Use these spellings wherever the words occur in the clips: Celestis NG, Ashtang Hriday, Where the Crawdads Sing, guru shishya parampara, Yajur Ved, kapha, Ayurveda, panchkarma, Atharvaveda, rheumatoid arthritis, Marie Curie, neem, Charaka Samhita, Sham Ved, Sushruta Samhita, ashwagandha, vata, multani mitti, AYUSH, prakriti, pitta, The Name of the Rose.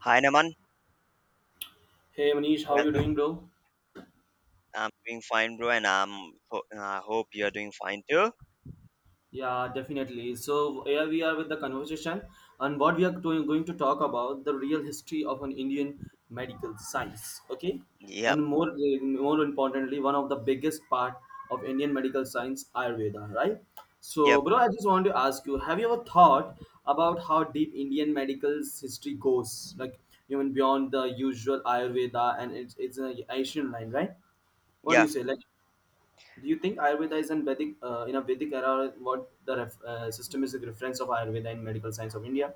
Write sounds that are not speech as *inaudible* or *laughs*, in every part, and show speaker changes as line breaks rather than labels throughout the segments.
Hi, Naman.
Hey Manish, how you
Welcome.
doing, bro?
I'm doing fine, bro, and I hope you're doing fine too.
Yeah, definitely. So here we are with the conversation, and what we are doing, going to talk about the real history of an Indian medical science. Okay,
Yep.
and more importantly, one of the biggest part of Indian medical science, Ayurveda, right? So,
Yep.
bro, I just want to ask you: Have you ever thought about how deep Indian medical's history goes, like even beyond the usual Ayurveda and it's an Asian line, right? What do you
Yeah.
say, like? Do you think Ayurveda is in Vedic in a Vedic era? What the ref, system is a reference of Ayurveda in medical science of India?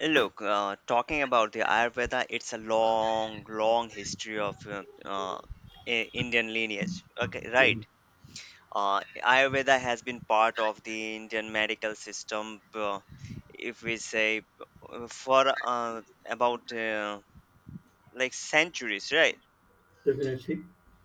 Look, talking about the Ayurveda, it's a long, long history of Indian lineage. Okay, right. Ayurveda has been part of the Indian medical system, if we say, for about like centuries, right?
Definitely.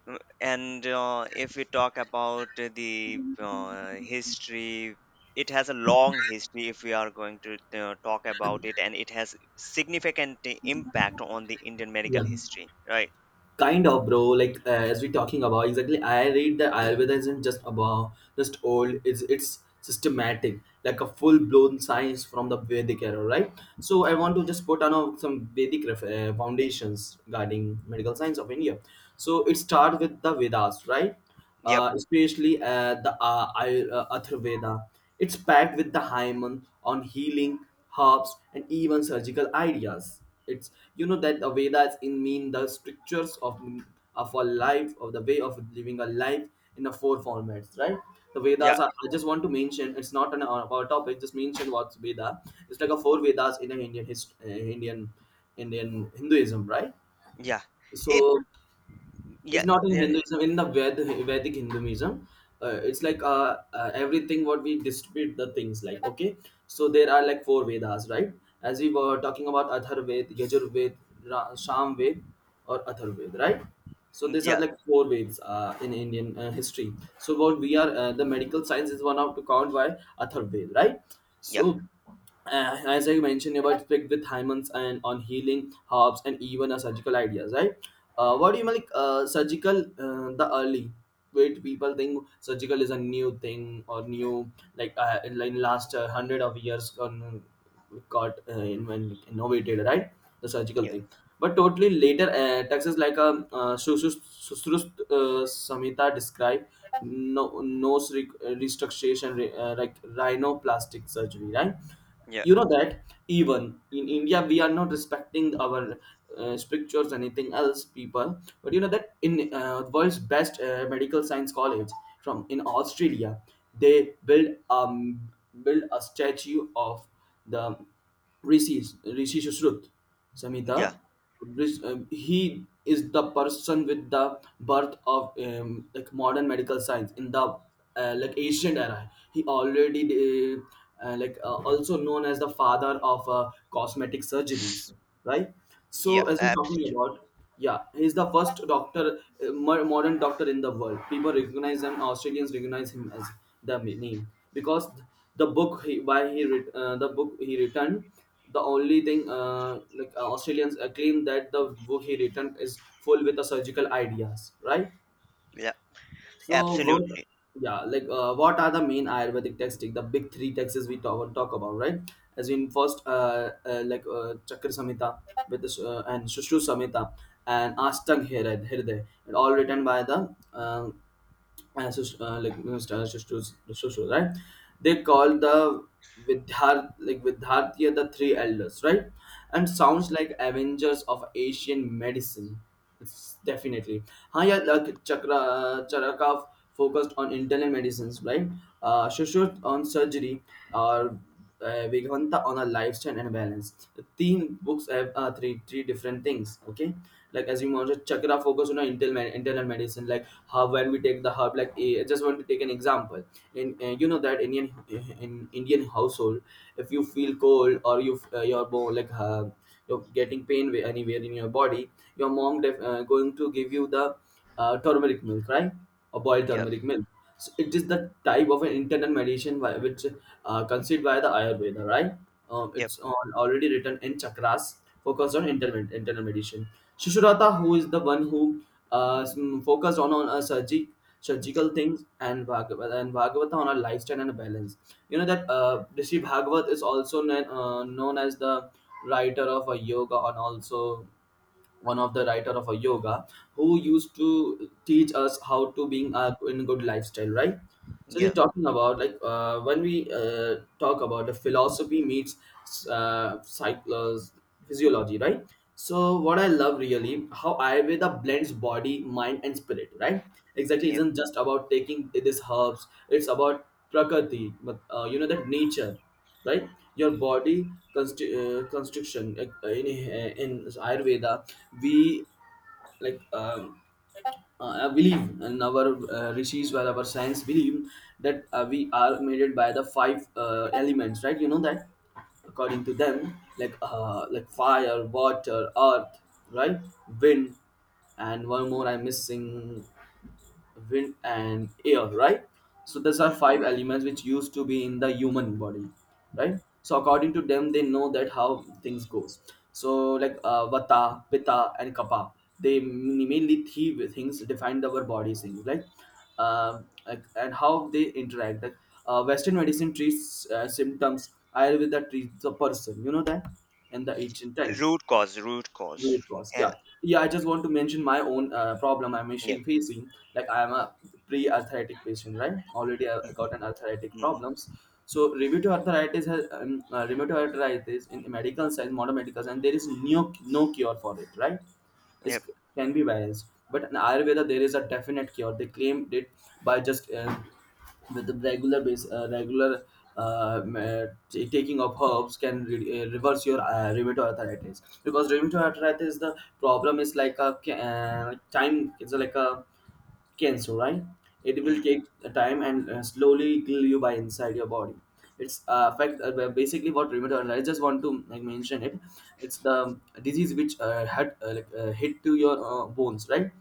And if we talk about the history, it has a long history if we are going to talk about it, and it has significant impact on the indian medical
Yeah,
history, right?
kind of, bro. Like as we're talking about, exactly. I read that Ayurveda isn't just about just old. It's systematic, like a full blown science from the Vedic era, right? So I want to just put on a, some Vedic ref, foundations regarding medical science of India. So it starts with the Vedas, right?
Yep.
Especially the Atharvaveda. It's packed with the hymen on healing, herbs, and even surgical ideas. It's you know that the Vedas in mean the strictures of a life of the way of living a life in the four formats, right? The
Yeah,
Vedas are. I just want to mention it's not an our topic. Just mention what's Veda. It's like a four Vedas in a Indian hist- Indian Indian Hinduism, right?
yeah. it
So it's
Yeah,
not in
yeah,
Hinduism. In the Vedic Hinduism, it's like everything what we distribute the things like. Okay, so there are like four Vedas, right? As we were talking about Athar Ved, Yajur Ved, Sham Ved, or Athar Ved, right? So these are
yeah,
like four Veds in Indian history. So what we are the medical science is one of to count by Athar Ved, right?
yeah,
So as I mentioned about strict with Hymans and on healing herbs and even a surgical ideas, right? What do you mean, like surgical? The early wait people think surgical is a new thing or new like in last hundred of years or no, got innovated, right? The surgical thing. But totally later, taxes like a Susrut, Samhita described no, nose restructuration, like rhinoplastic surgery, right?
yeah,
You know that even in India we are not respecting our strictures anything else people, but you know that in world's best medical science college from in Australia they build a statue of the rishi Sushrut
yeah,
Samhita. He is the person with the birth of like modern medical science in the like ancient era. He already like also known as the father of cosmetic surgeries, right?
yeah,
So
yeah.
as I'm talking
Absolutely.
about yeah, he's the first doctor, modern doctor in the world. People recognize him. Australians recognize him as the name because the book he returned. The only thing like Australians claim that the book he returned is full with the surgical ideas, right?
Yeah,
So what?
absolutely.
Yeah, like what are the main Ayurvedic texts? The big three texts we talk about, right? As in first, like Chakra Samhita with the, and Shushu Samhita and Ashtang Hriday, and all written by the as so, like stars just to right, they call the Vidhar, like Vidhartya, the three elders, right? And sounds like avengers of Asian medicine. It's definitely हाँ यार, like Chakra Charaka focused on internal medicines, right? Shushruth on surgery, or Vegavanta on a lifestyle and balance. The theme books have three different things. Okay, like as you mentioned, Chakra focus on our internal medicine, like how when we take the herb. Like I just want to take an example. In you know that Indian in Indian household, if you feel cold or you your bone, like you're getting pain anywhere in your body, your mom going to give you the turmeric milk, right? Or boiled
Yeah.
turmeric milk, so it is the type of an internal medicine which conceived by the Ayurveda, right?
Yep.
It's on already written in chakras, focused on internal medicine. Shishurata, who is the one who focused on a surgical things, and Bhagavata on a lifestyle and a balance. You know that Rishi Bhagavat is also known as the writer of a yoga and also one of the writer of a yoga who used to teach us how to being a in good lifestyle, right? So
Yeah,
they're talking about, like when we talk about the philosophy meets psychology, physiology, right? So what I love really how Ayurveda blends body, mind, and spirit, right? Exactly,
yeah.
isn't just about taking these herbs. It's about prakriti, but you know that nature, right? Your body constriction in Ayurveda, we like. Believe and our rishis, where our science believe that we are made by the five elements, right? You know that according to them, like fire, water, earth, right? Wind, and one more I'm missing, wind and air, right? So these are
Mm.
five elements which used to be in the human body, right? So according to them, they know that how things goes. So like vata, pitta, and kapha, they mainly three things define our bodies in, like and how they interact, like western medicine treats symptoms, Ayurveda treats the person. You know that in the ancient time,
Root cause, root cause.
root cause,
Yeah.
yeah, yeah, I just want to mention my own problem I'm
Yep.
actually facing, like I'm a pre-arthritic patient, right? Already I got an
Mhm,
arthritic
mhm.
problems. So rheumatoid arthritis has rheumatoid arthritis in medical science, modern medical science, there is no cure for it, right? It
Yep.
can be variance, but in Ayurveda there is a definite cure, they claimed it, by just with the regular base, regular taking of herbs can reverse your rheumatoid arthritis, because rheumatoid arthritis, the problem is like a time, it's like a cancer, right? It will
Mm.
take time and slowly kill you by inside your body. It's affect basically what rheumatoid. I just want to like, mention it. It's the disease which had like, hit to your bones, right?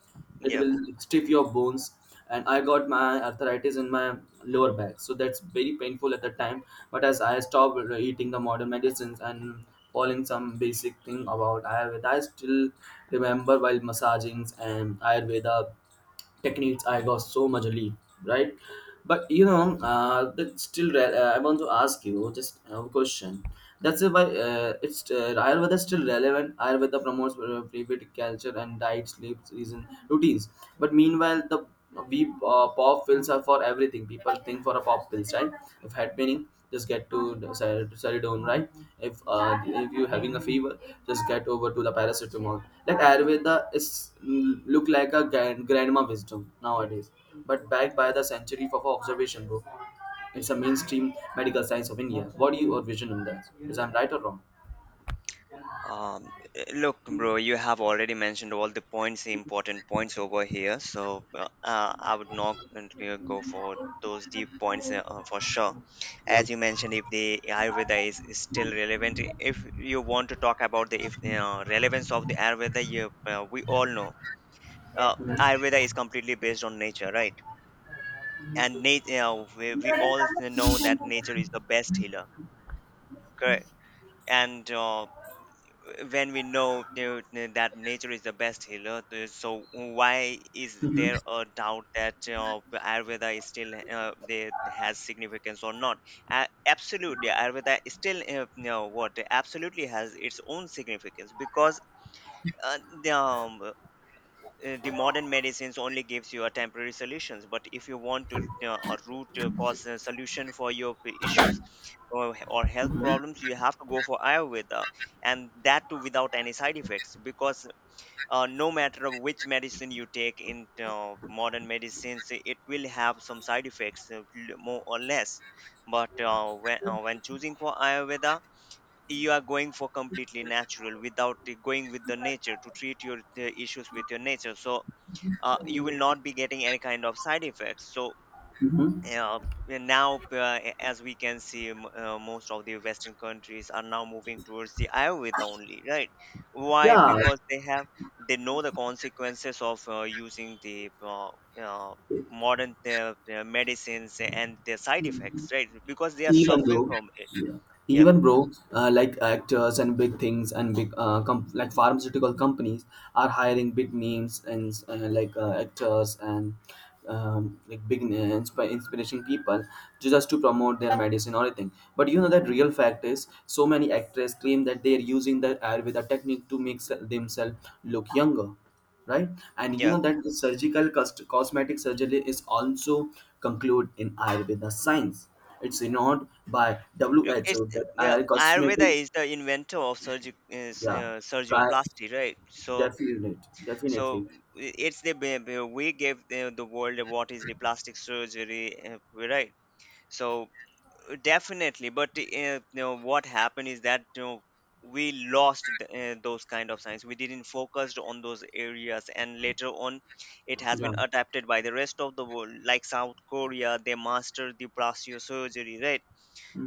It
Yep.
will stiff your bones. And I got my arthritis in my lower back, so that's very painful at the time. But as I stopped eating the modern medicines and following some basic thing about Ayurveda, I still remember while massagings and Ayurveda techniques I got so much lead, right? But you know but still I want to ask you just a question: that's why it's Ayurveda is still relevant. Ayurveda promotes private culture and diet, sleep, reason routines, but meanwhile the we pop fills are for everything, people think for a pop fills, right? If head paining, just get to the Saridone, right? If you having a fever, just get over to the paracetamol. Like Ayurveda is look like a grandma wisdom nowadays, but backed by the century of observation, bro. It's a mainstream medical science of India. What do you your vision on that? Is I'm right or wrong?
Um, Look, bro, you have already mentioned all the points, the important points over here. So I would not want to go for those deep points, for sure.
Yeah.
As you mentioned, if the Ayurveda is still relevant, if you want to talk about the if relevance of the Ayurveda, we all know uh, Ayurveda is completely based on nature, right? And nature, we all know that nature is the best healer, correct? And when we know, that nature is the best healer, so why is there a doubt that Ayurveda is still they has significance or not? Absolutely, Ayurveda is still, what, absolutely has its own significance, because uh, the, um, the modern medicines only gives you a temporary solutions, but if you want to a root cause a solution for your issues or health problems, you have to go for ayurveda, and that too without any side effects, because no matter of which medicine you take in modern medicines, it will have some side effects, more or less. But when choosing for ayurveda, you are going for completely natural, without going with the nature to treat your issues with your nature. So you will not be getting any kind of side effects. So
Hmm.
uh, and now as we can see, most of the western countries are now moving towards the ayurveda only, right? Why?
Yeah,
Because they know the consequences of using the uh, modern medicines and their side effects, right? Because they are
even
suffering
though
from it.
yeah,
Yeah,
even bro like actors and big things and big like pharmaceutical companies are hiring big names and like actors and like big inspiration people just to promote their medicine or anything, but you know that real fact is so many actors claim that they are using the Ayurveda technique to make themselves look younger, right? And you
yeah.
know that the surgical cosmetic surgery is also concluded in Ayurveda science. It's ignored by
Look, it's
WHO that
yeah.
Ayur
Ayurveda
cosmetic,
is the inventor of
yeah, ca-
surgioplasty, right? So so
definitely,
I- it's the ba- ba- we give the world what is the plastic surgery, right. So definitely. But what happened is that, we lost those kind of science. We didn't focused on those areas, and later on it has
yeah.
been adapted by the rest of the world, like south korea, they mastered the plastic surgery, right?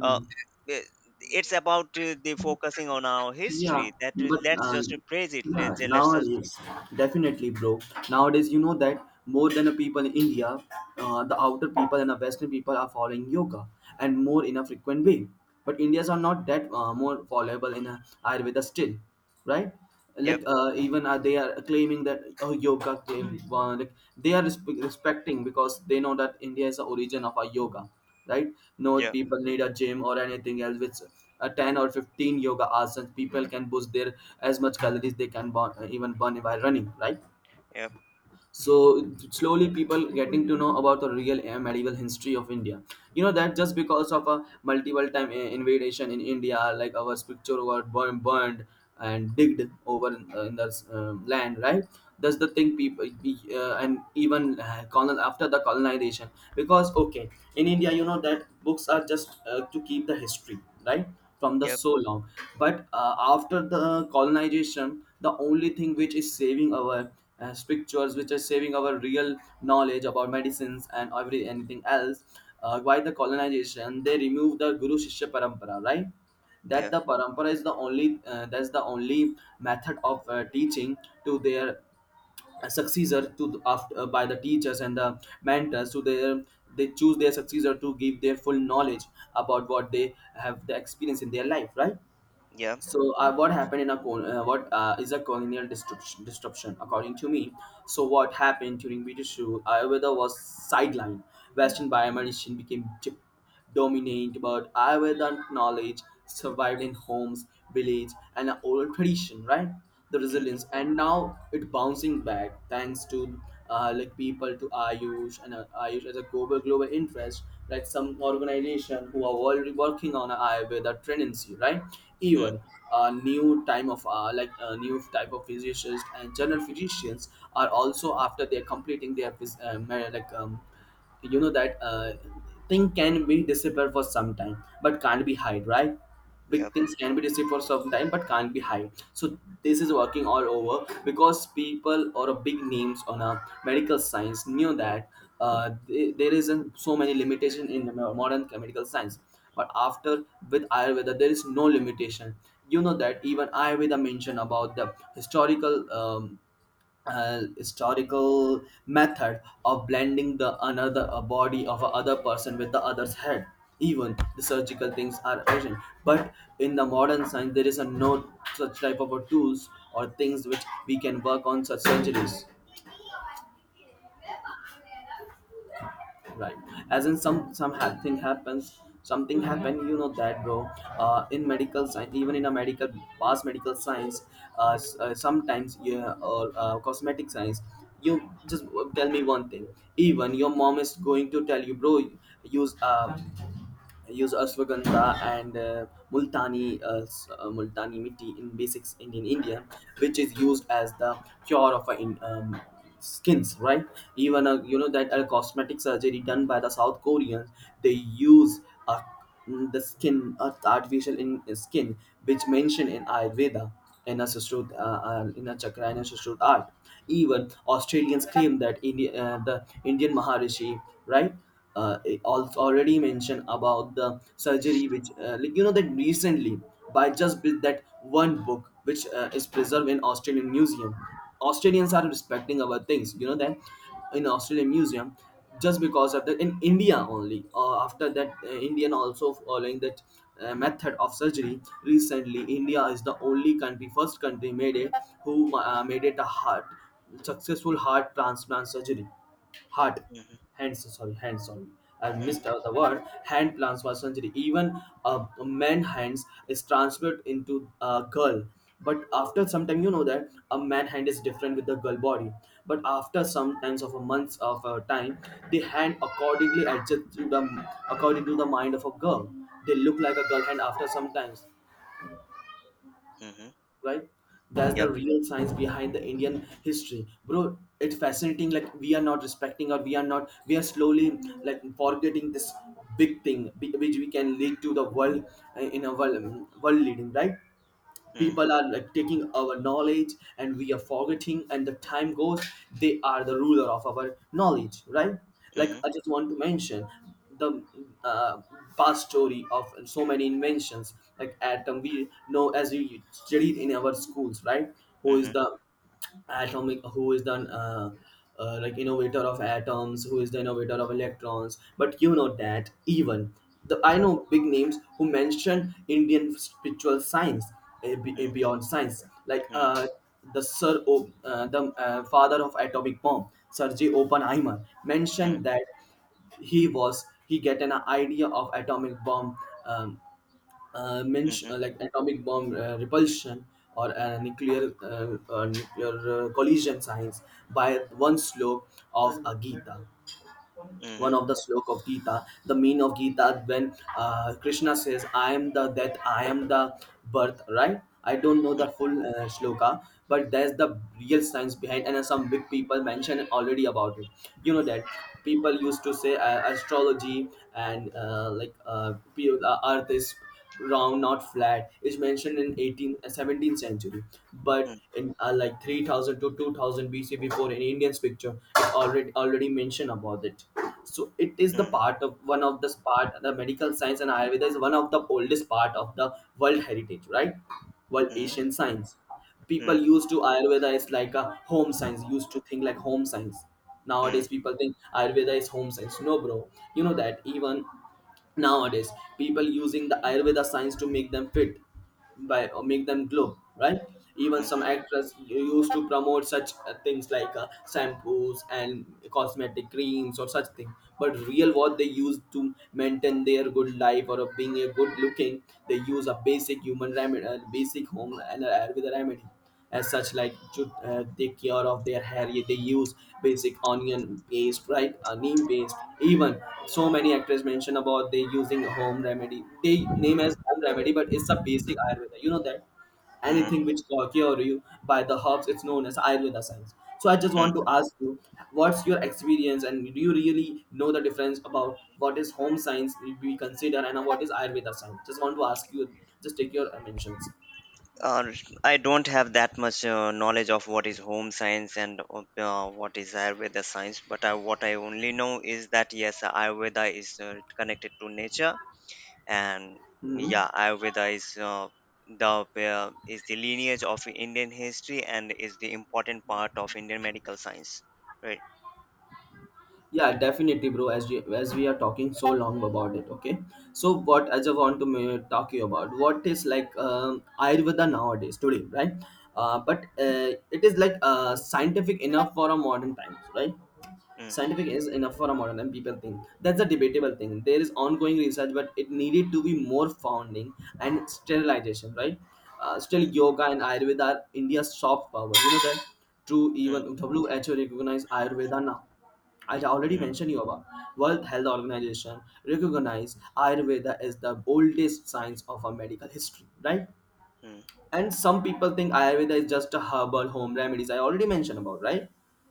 uh, uh, it's about the focusing on our
Yeah,
history, that
but
let's just praise it.
yeah,
Let's just.
nowadays, definitely, bro. Nowadays, you know that more than the people in India, the outer people and the Western people are following yoga and more in a frequent way. But Indians are not that more followable in a Ayurveda still, right?
Yep.
Like even they are claiming that oh yoga claim like they are respecting, because they know that India is the origin of our yoga, right? No
Yeah,
people need a gym or anything else. Which 10 or 15 yoga asanas, people can boost their as much calories they can burn, even burn by running, right?
yeah.
So slowly people getting to know about the real medieval history of India. You know that just because of a multiple time invasion in India, like our scripture were burned and digged over in the land, right? That's the thing people. And even colon after the colonization, because okay, in India you know that books are just to keep the history, right? From the
Yep,
so long. But after the colonization, the only thing which is saving our pictures, which are saving our real knowledge about medicines and every anything else. Why the colonization, they remove the guru shishya parampara, right? that
yeah,
the parampara is the only that's the only method of teaching to their successor, to after by the teachers and the mentors to their, they choose their successor to give their full knowledge about what they have the experience in their life, right?
yep,
So, what happened in a what is a colonial disruption? According to me, so what happened during British rule? Ayurveda was sidelined. Western biomedicine became dominant, but Ayurveda knowledge survived in homes, village, and oral tradition. Right? The
mhm,
resilience, and now it bouncing back thanks to like people to Ayush, and Ayush as a global interest. Like some organization who are already working on a with a tendency, right?
mm,
Even a new time of like a new type of physicians and general physicians are also, after they're completing their like you know that thing can be disappear for some time but can't be hide, right? Big
yep,
things can be disappear for some time but can't be hide. So this is working all over because people or a big names on a medical science knew that there isn't so many limitation in modern medical science, but after with Ayurveda there is no limitation. You know that even Ayurveda mentioned about the historical historical method of blending the another a body of a other person with the other's head. Even the surgical things are urgent, but in the modern science there is a no such type of a tools or things which we can work on such surgeries, right? As in thing happens, something happened. You know that, bro, in medical science, even in a medical past medical science, sometimes, yeah, or cosmetic science. You just tell me one thing, even your mom is going to tell you, bro, use use ashwagandha and multani multani mitti in basics in India, which is used as the cure of in, skins, right? Even you know that a cosmetic surgery done by the South Koreans, they use a the skin or the artificial in skin, which mentioned in Ayurveda, in a in a chakra and a Sushruta art. Even Australians claim that the Indian maharishi, right? It already mentioned about the surgery which like you know that recently, by just with that one book which is preserved in Australian museum. Australians are respecting our things, you know that, in Australian museum. Just because of that, in India only. After that, Indian also following that method of surgery. Recently, India is the only country, first country made it, who made it a heart successful heart transplant surgery. Heart
mhm,
hands, sorry, hands on. I
mm,
missed out the word hand transfer surgery. Even a man hands is transferred into a girl, but after some time you know that a man hand is different with the girl body. But after some times of a months of time, the hand accordingly adjusts to the, according to the mind of a girl, they look like a girl hand after some times,
mhm,
right? That's the
yep,
real science behind the Indian history, bro. It's fascinating, like we are not respecting, or we are not we are slowly like forgetting this big thing which we can lead to the world, in a world leading, right?
mm,
People are like taking our knowledge and we are forgetting, and the time goes, they are the ruler of our knowledge, right? Like
mhm,
I just want to mention the uh, past story of so many inventions, like atom, we know as we studied in our schools, right? Who
mhm,
is the atomic, who is the like innovator of atoms, who is the innovator of electrons, but you know that even the I know big names who mention Indian spiritual science,
mm,
beyond science, like
mm,
the the father of atomic bomb, Sir J. Oppenheimer,
mm,
mentioned that he was, he get an idea of atomic bomb, um, mention
mhm,
like atomic bomb repulsion, or nuclear nuclear collision science, by one slok of a Gita.
mhm,
One of the slok of Gita, the mean of Gita, when Krishna says, "I am the death, I am the birth." Right? I don't know the full shloka, but there's the real science behind, and some big people mentioned already about it. You know that people used to say astrology, and earth is round, not flat, is mentioned in 17th century,
mm,
but in like 3000 to 2000 BC, before an Indian's picture, it already mentioned about it. So it is the
mm,
part of one of the part, the medical science and Ayurveda is one of the oldest part of the world heritage, right? World
mm,
Asian science.
mm,
People used to Ayurveda is like a home science, used to think like home science.
mm,
Nowadays people think Ayurveda is home science, no bro. You know that even nowadays people using the Ayurveda science to make them fit by, or make them glow, right? Even some
mhm,
actors used to promote such things like shampoos and cosmetic creams or such thing, but real what they use to maintain their good life, or of being a good looking, they use a basic human remedy, a basic home and a Ayurveda remedy, as such like to take care of their hair. Yeah, they use basic onion paste, right? Neem paste. Even so many actors mention about they using home remedy, they name as home remedy but it's a basic Ayurveda. You know that
mm,
anything which cure you by the herbs, it's known as Ayurveda science. So I just
mm.
want to ask you, what's your experience, and do you really know the difference about what is home science we consider and what is Ayurveda science? Just want to ask you, just take your mentions.
Uh, I don't have that much knowledge of what is home science and what is Ayurveda science, but what I only know is that yes, Ayurveda is connected to nature, and yeah, ayurveda is the is the lineage of indian history and is the important part of indian medical science, right?
Yeah, definitely, bro. As we are talking so long about it. Okay, so what, as I want to talk you about what is like Ayurveda nowadays today, right? But it is like scientific enough for a modern times, right?
Mm-hmm.
Scientific is enough for a modern, and people think that's a debatable thing. There is ongoing research but it needed to be more founding and sterilization, right? Still
Mm-hmm.
yoga and Ayurveda are India's soft power, you know that. True. Even who recognize Ayurveda now? I already
Mm-hmm.
mentioned you about World Health Organization recognize Ayurveda as the oldest science of our medical history, right?
Mm-hmm.
And some people think Ayurveda is just a herbal home remedies, I already mentioned about, right?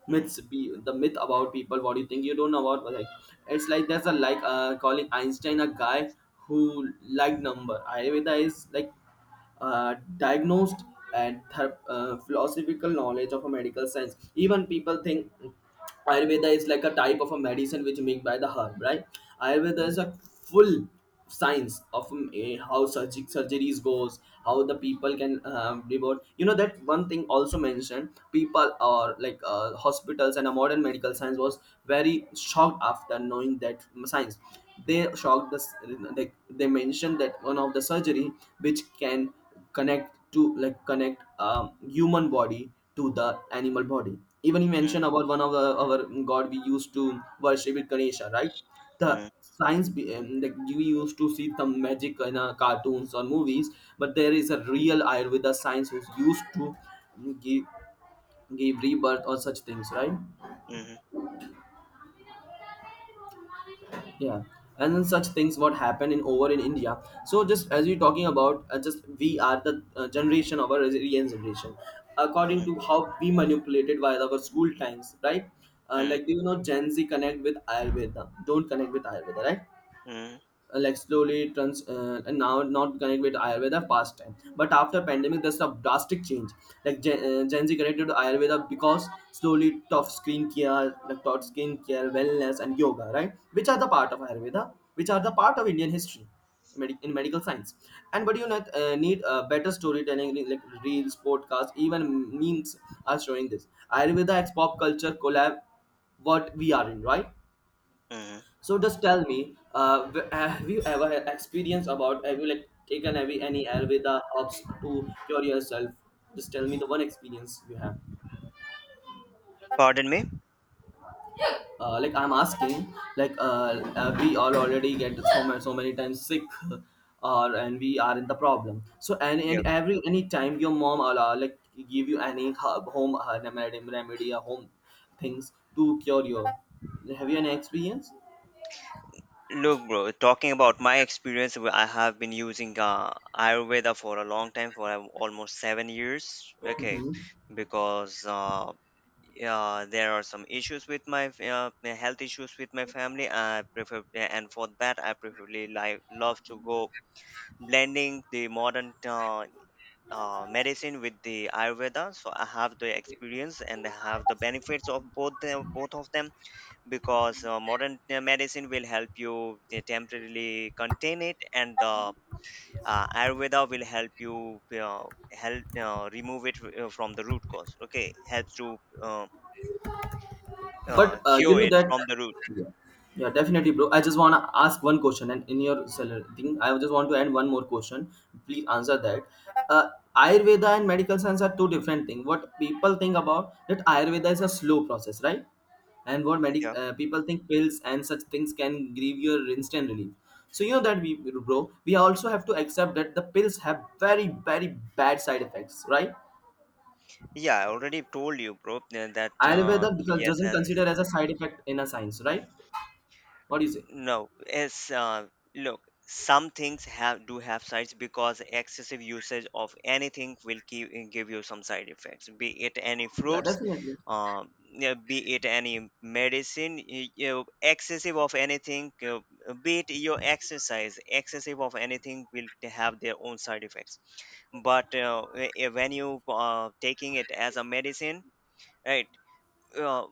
Mm-hmm.
Myths be the myth about people, what do you think you don't know about, like it's like there's a like calling Einstein a guy who liked number. Ayurveda is like diagnosed and philosophical knowledge of a medical science. Even people think Ayurveda is like a type of a medicine which made by the herb, right? Ayurveda is
Mm-hmm.
a full science of how surgic surgeries goes, how the people can revert. You know that one thing also mentioned, people or like hospitals and a modern medical science was very shocked after knowing that science. They shocked us. Like they mentioned that one of the surgery which can connect to like connect human body to the animal body. Even you mentioned about one of the, our god we used to worship it, Ganesha, right? The
Mm-hmm.
science be, like you used to see some magic in cartoons or movies, but there is a real Ayurveda science who's used to um, give give rebirth or such things, right?
Mm-hmm.
Yeah, and then such things what happened in over in India. So just as you're talking about, just we are the generation of our resilient generation according to how we manipulated by our school times, right? Like do you know Gen Z connect with Ayurveda, don't connect with Ayurveda, right?
Mm-hmm.
Like slowly trans and now not connect with Ayurveda past time, but after pandemic there's a drastic change. Like Gen Z connected to Ayurveda because slowly tough skin care, like tough skin care, wellness and yoga, right, which are the part of Ayurveda, which are the part of Indian history, in medical science. And but you not, need better storytelling like reels, podcasts, even memes are showing this Ayurveda ex pop culture collab, what we are in, right?
Mm-hmm.
So just tell me, have you ever had experience about, have you like taken any Ayurveda herbs to cure yourself? Just tell me the one experience you have.
Pardon me?
Like I'm asking, like we all already get so many, so many times sick, *laughs* or and we are in the problem. So and
Yeah.
and every any time your mom or like give you any herb, home remedy or home things to cure your. Have you any experience?
Look, bro, talking about my experience, I have been using Ayurveda for a long time, for almost 7 years. Okay,
Mhm.
because yeah, there are some issues with my health issues with my family. I prefer, and for that, I preferably like love to go blending the modern medicine with the Ayurveda. So I have the experience and I have the benefits of both them, both of them, because modern medicine will help you temporarily contain it, and the ayurveda will help you, help remove it from the root cause. Okay, helps to
But you
cure
know
it
that,
from the root.
yeah, yeah, definitely, bro. I just wanna ask one question, and in your seller thing, I just want to add one more question. Please answer that. Uh, Ayurveda and medical science are two different things. What people think about that Ayurveda is a slow process, right? And what
Mm,
medic
yeah,
people think pills and such things can give you a instant relief. So you know that we, bro, we also have to accept that the pills have very, very bad side effects, right?
yeah, I already told you, bro, that
Ayurveda
yes,
doesn't
as.
consider as a side effect in a science, right? What do you say?
No, it's look, some things have do have sides, because excessive usage of anything will keep give you some side effects. Be it any
Yeah,
fruits,
definitely.
yeah, be it any medicine, excessive of anything, be it your exercise, excessive of anything will have their own side effects. But when you taking it as a medicine, right? uh,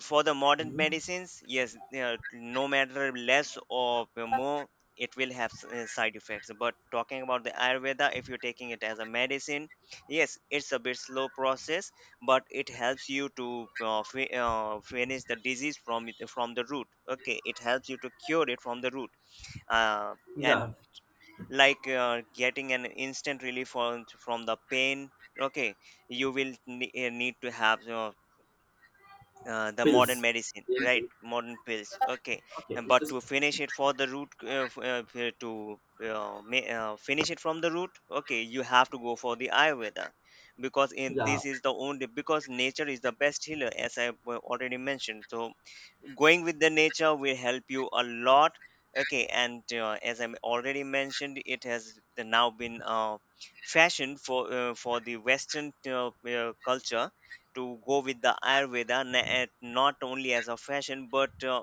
for the modern
Hmm.
medicines, yes, no matter less or more, it will have side effects. But talking about the Ayurveda, if you're taking it as a medicine, yes, it's a bit slow process, but it helps you to finish the disease from the root. Okay, it helps you to cure it from the root, uh,
Yeah,
and, like, getting an instant relief from the pain. Okay, you will need to have the modern
pills.
medicine,
Yeah,
right?
pills.
Modern pills. Okay.
Okay,
and
it's
but to
just.
finish it for the root, f- f- to ma- finish it from the root. Okay, you have to go for the ayurveda, because in
Yeah,
this is the only, because nature is the best healer, as I already mentioned. So going with the nature will help you a lot. Okay, and as I already mentioned, it has now been fashioned for the western culture to go with the ayurveda, and not only as a fashion, but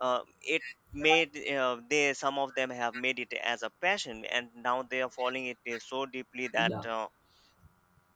it made they some of them have made it as a passion, and now they are following it so deeply that
yeah,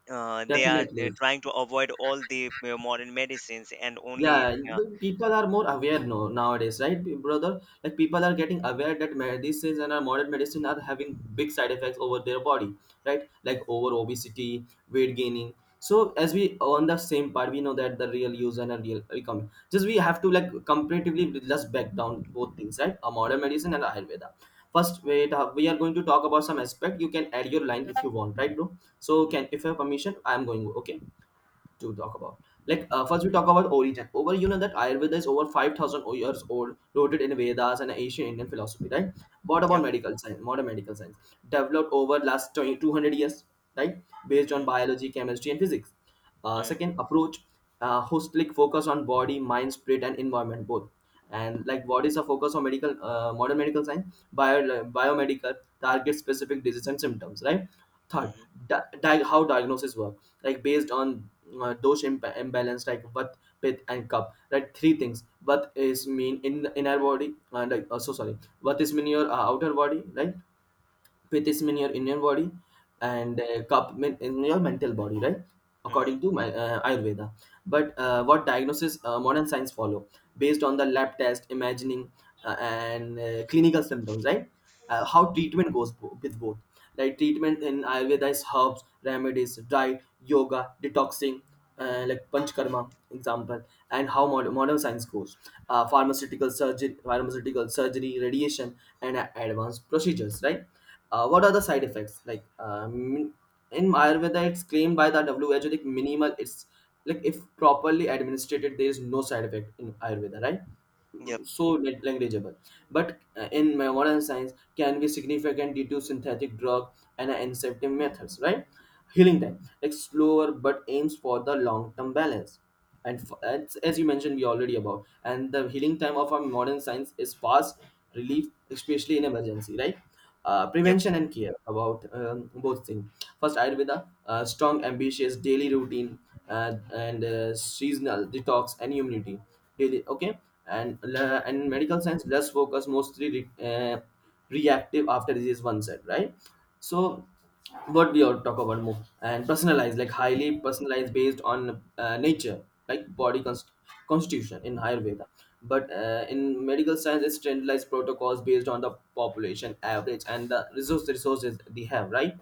they are
definitely.
trying to avoid all the modern medicines and only in,
Yeah,
yeah.
the people are more aware, no, nowadays, right, brother, like people are getting aware that medicines and our modern medicine are having big side effects over their body, right, like over obesity, weight gaining. So as we on the same part, we know that the real use and a real economy, just we have to like comparatively just back down both things, right, a modern medicine and Ayurveda. First wait, we are going to talk about some aspect, you can add your line if you want, right, bro? So
Mm,
can if you have permission I am going, okay, to talk about. Like, first, we talk about origin. Over, you know that Ayurveda is over 5,000 years old, rooted in Vedas and ancient Indian philosophy, right? What about
yep.
medical science? Modern medical science developed over last 20, 200 years, right? Based on
Mm,
biology, chemistry, and physics.
mm.
Second approach, holistic focus on body, mind, spirit, and environment both. And like what is a focus on medical modern medical science? Bio, like, biomedical target specific disease and symptoms, right? Third,
Mhm,
how diagnosis work, like based on those imbalance, like what pith and cup, right, three things, what is mean in the inner body and like, so sorry, what is mean your outer body, right? Pith is mean your inner body,
mhm,
and cup mean in your mental body, right,
mhm.
according to my Ayurveda. But what diagnosis, modern science follow, based on the lab test imagining, and clinical symptoms, right. How treatment goes with both, like treatment in Ayurveda is herbs, remedies, diet, yoga, detoxing, like panchkarma example. And how modern science goes, pharmaceutical surgery, pharmaceutical surgery, radiation, and advanced procedures, right? What are the side effects, like, in Ayurveda it's claimed by the who, like minimal, it's like if properly administered there is no side effect in Ayurveda, right,
Yep,
so negligible. But in my modern science can be significant due to synthetic drug and incentive methods, right. Healing time, like, slower but aims for the long term balance, and as you mentioned we already about, and the healing time of our modern science is fast relief, especially in emergency, right.
yep.
Prevention and care about, both things. First Ayurveda, strong ambitious daily routine, and seasonal detox and immunity daily, okay. And and medical science less focus, mostly uh, reactive after disease one set, right? So what we are talk about more and personalized, like highly personalized based on nature, like body constitution in Ayurveda. But in medical science, it's standardized protocols based on the population average and the resources they have, right?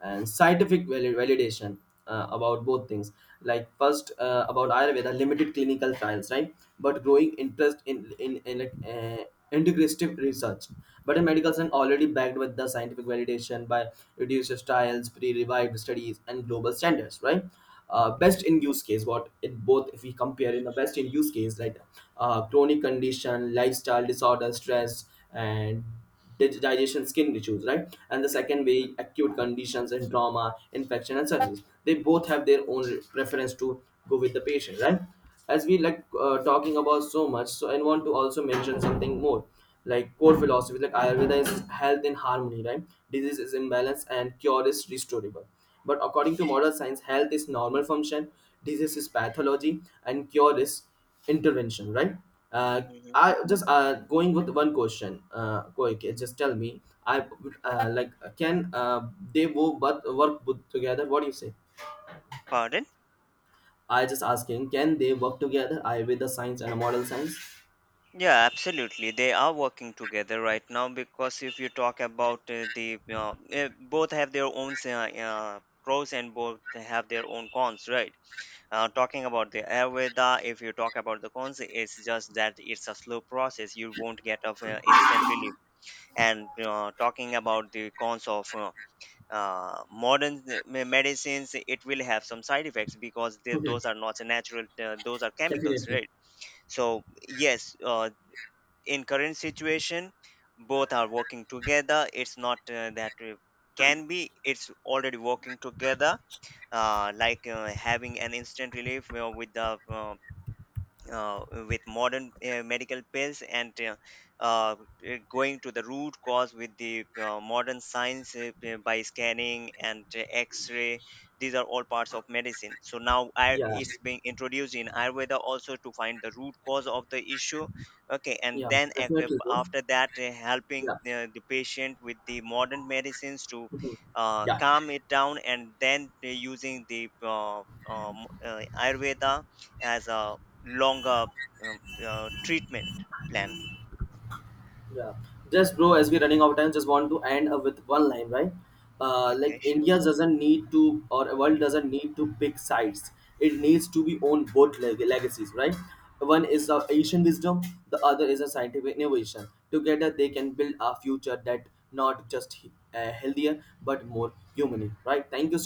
And scientific validation, about both things. Like first, about Ayurveda, limited clinical trials, right? But growing interest in like, integrative research, but in medical science, already backed with the scientific validation by reduced trials, pre-revived studies, and global standards, right? Best in use case, what in both, if we compare in the best in use case, like chronic condition, lifestyle disorder, stress, and digestion skin issues, right, and the second
Mm,
way acute conditions and trauma infection and surgeries, they both have their own preference to go with the patient, right. As we like, talking about so much, so I want to also mention something more, like core philosophy, like Ayurveda is health in harmony, right, disease is imbalance and cure is restorable. But according to modern science, health is normal function, disease is pathology, and cure is intervention, right. uh,
mhm.
I just going with one question, quick, just tell me, I, like can they both but work both together, what do you say?
Pardon?
I just asking can they work together, I with the science and a model science.
Yeah, absolutely. They are working together right now, because if you talk about the both have their own pros and both have their own cons, right? Talking about the Ayurveda, if you talk about the cons, it's just that it's a slow process. You won't get of instant relief. And talking about the cons of modern medicines, it will have some side effects, because
Okay,
those are not natural, those are chemicals,
definitely.
right? So yes, in current situation both are working together. It's not that can be, it's already working together, like having an instant relief with the with modern medical pills, and uh, going to the root cause with the modern science, by scanning and x-ray. These are all parts of medicine, so now
Yeah,
it's being introduced in ayurveda also to find the root cause of the issue. Okay, and
yeah,
then
definitely, bro.
after that, helping
Yeah.
the patient with the modern medicines to
Mhm. Yeah.
calm it down, and then using the ayurveda as a longer treatment plan.
Yeah, just bro, as we're running out of time, just want to end up with one line, right? Like
Okay, sure.
India doesn't need to, or world doesn't need to pick sides. It needs to be own both legacies, right? One is
Mm.
the ancient wisdom, the other is a scientific innovation. Together, they can build a future that not just healthier but more humane, right? Thank you so.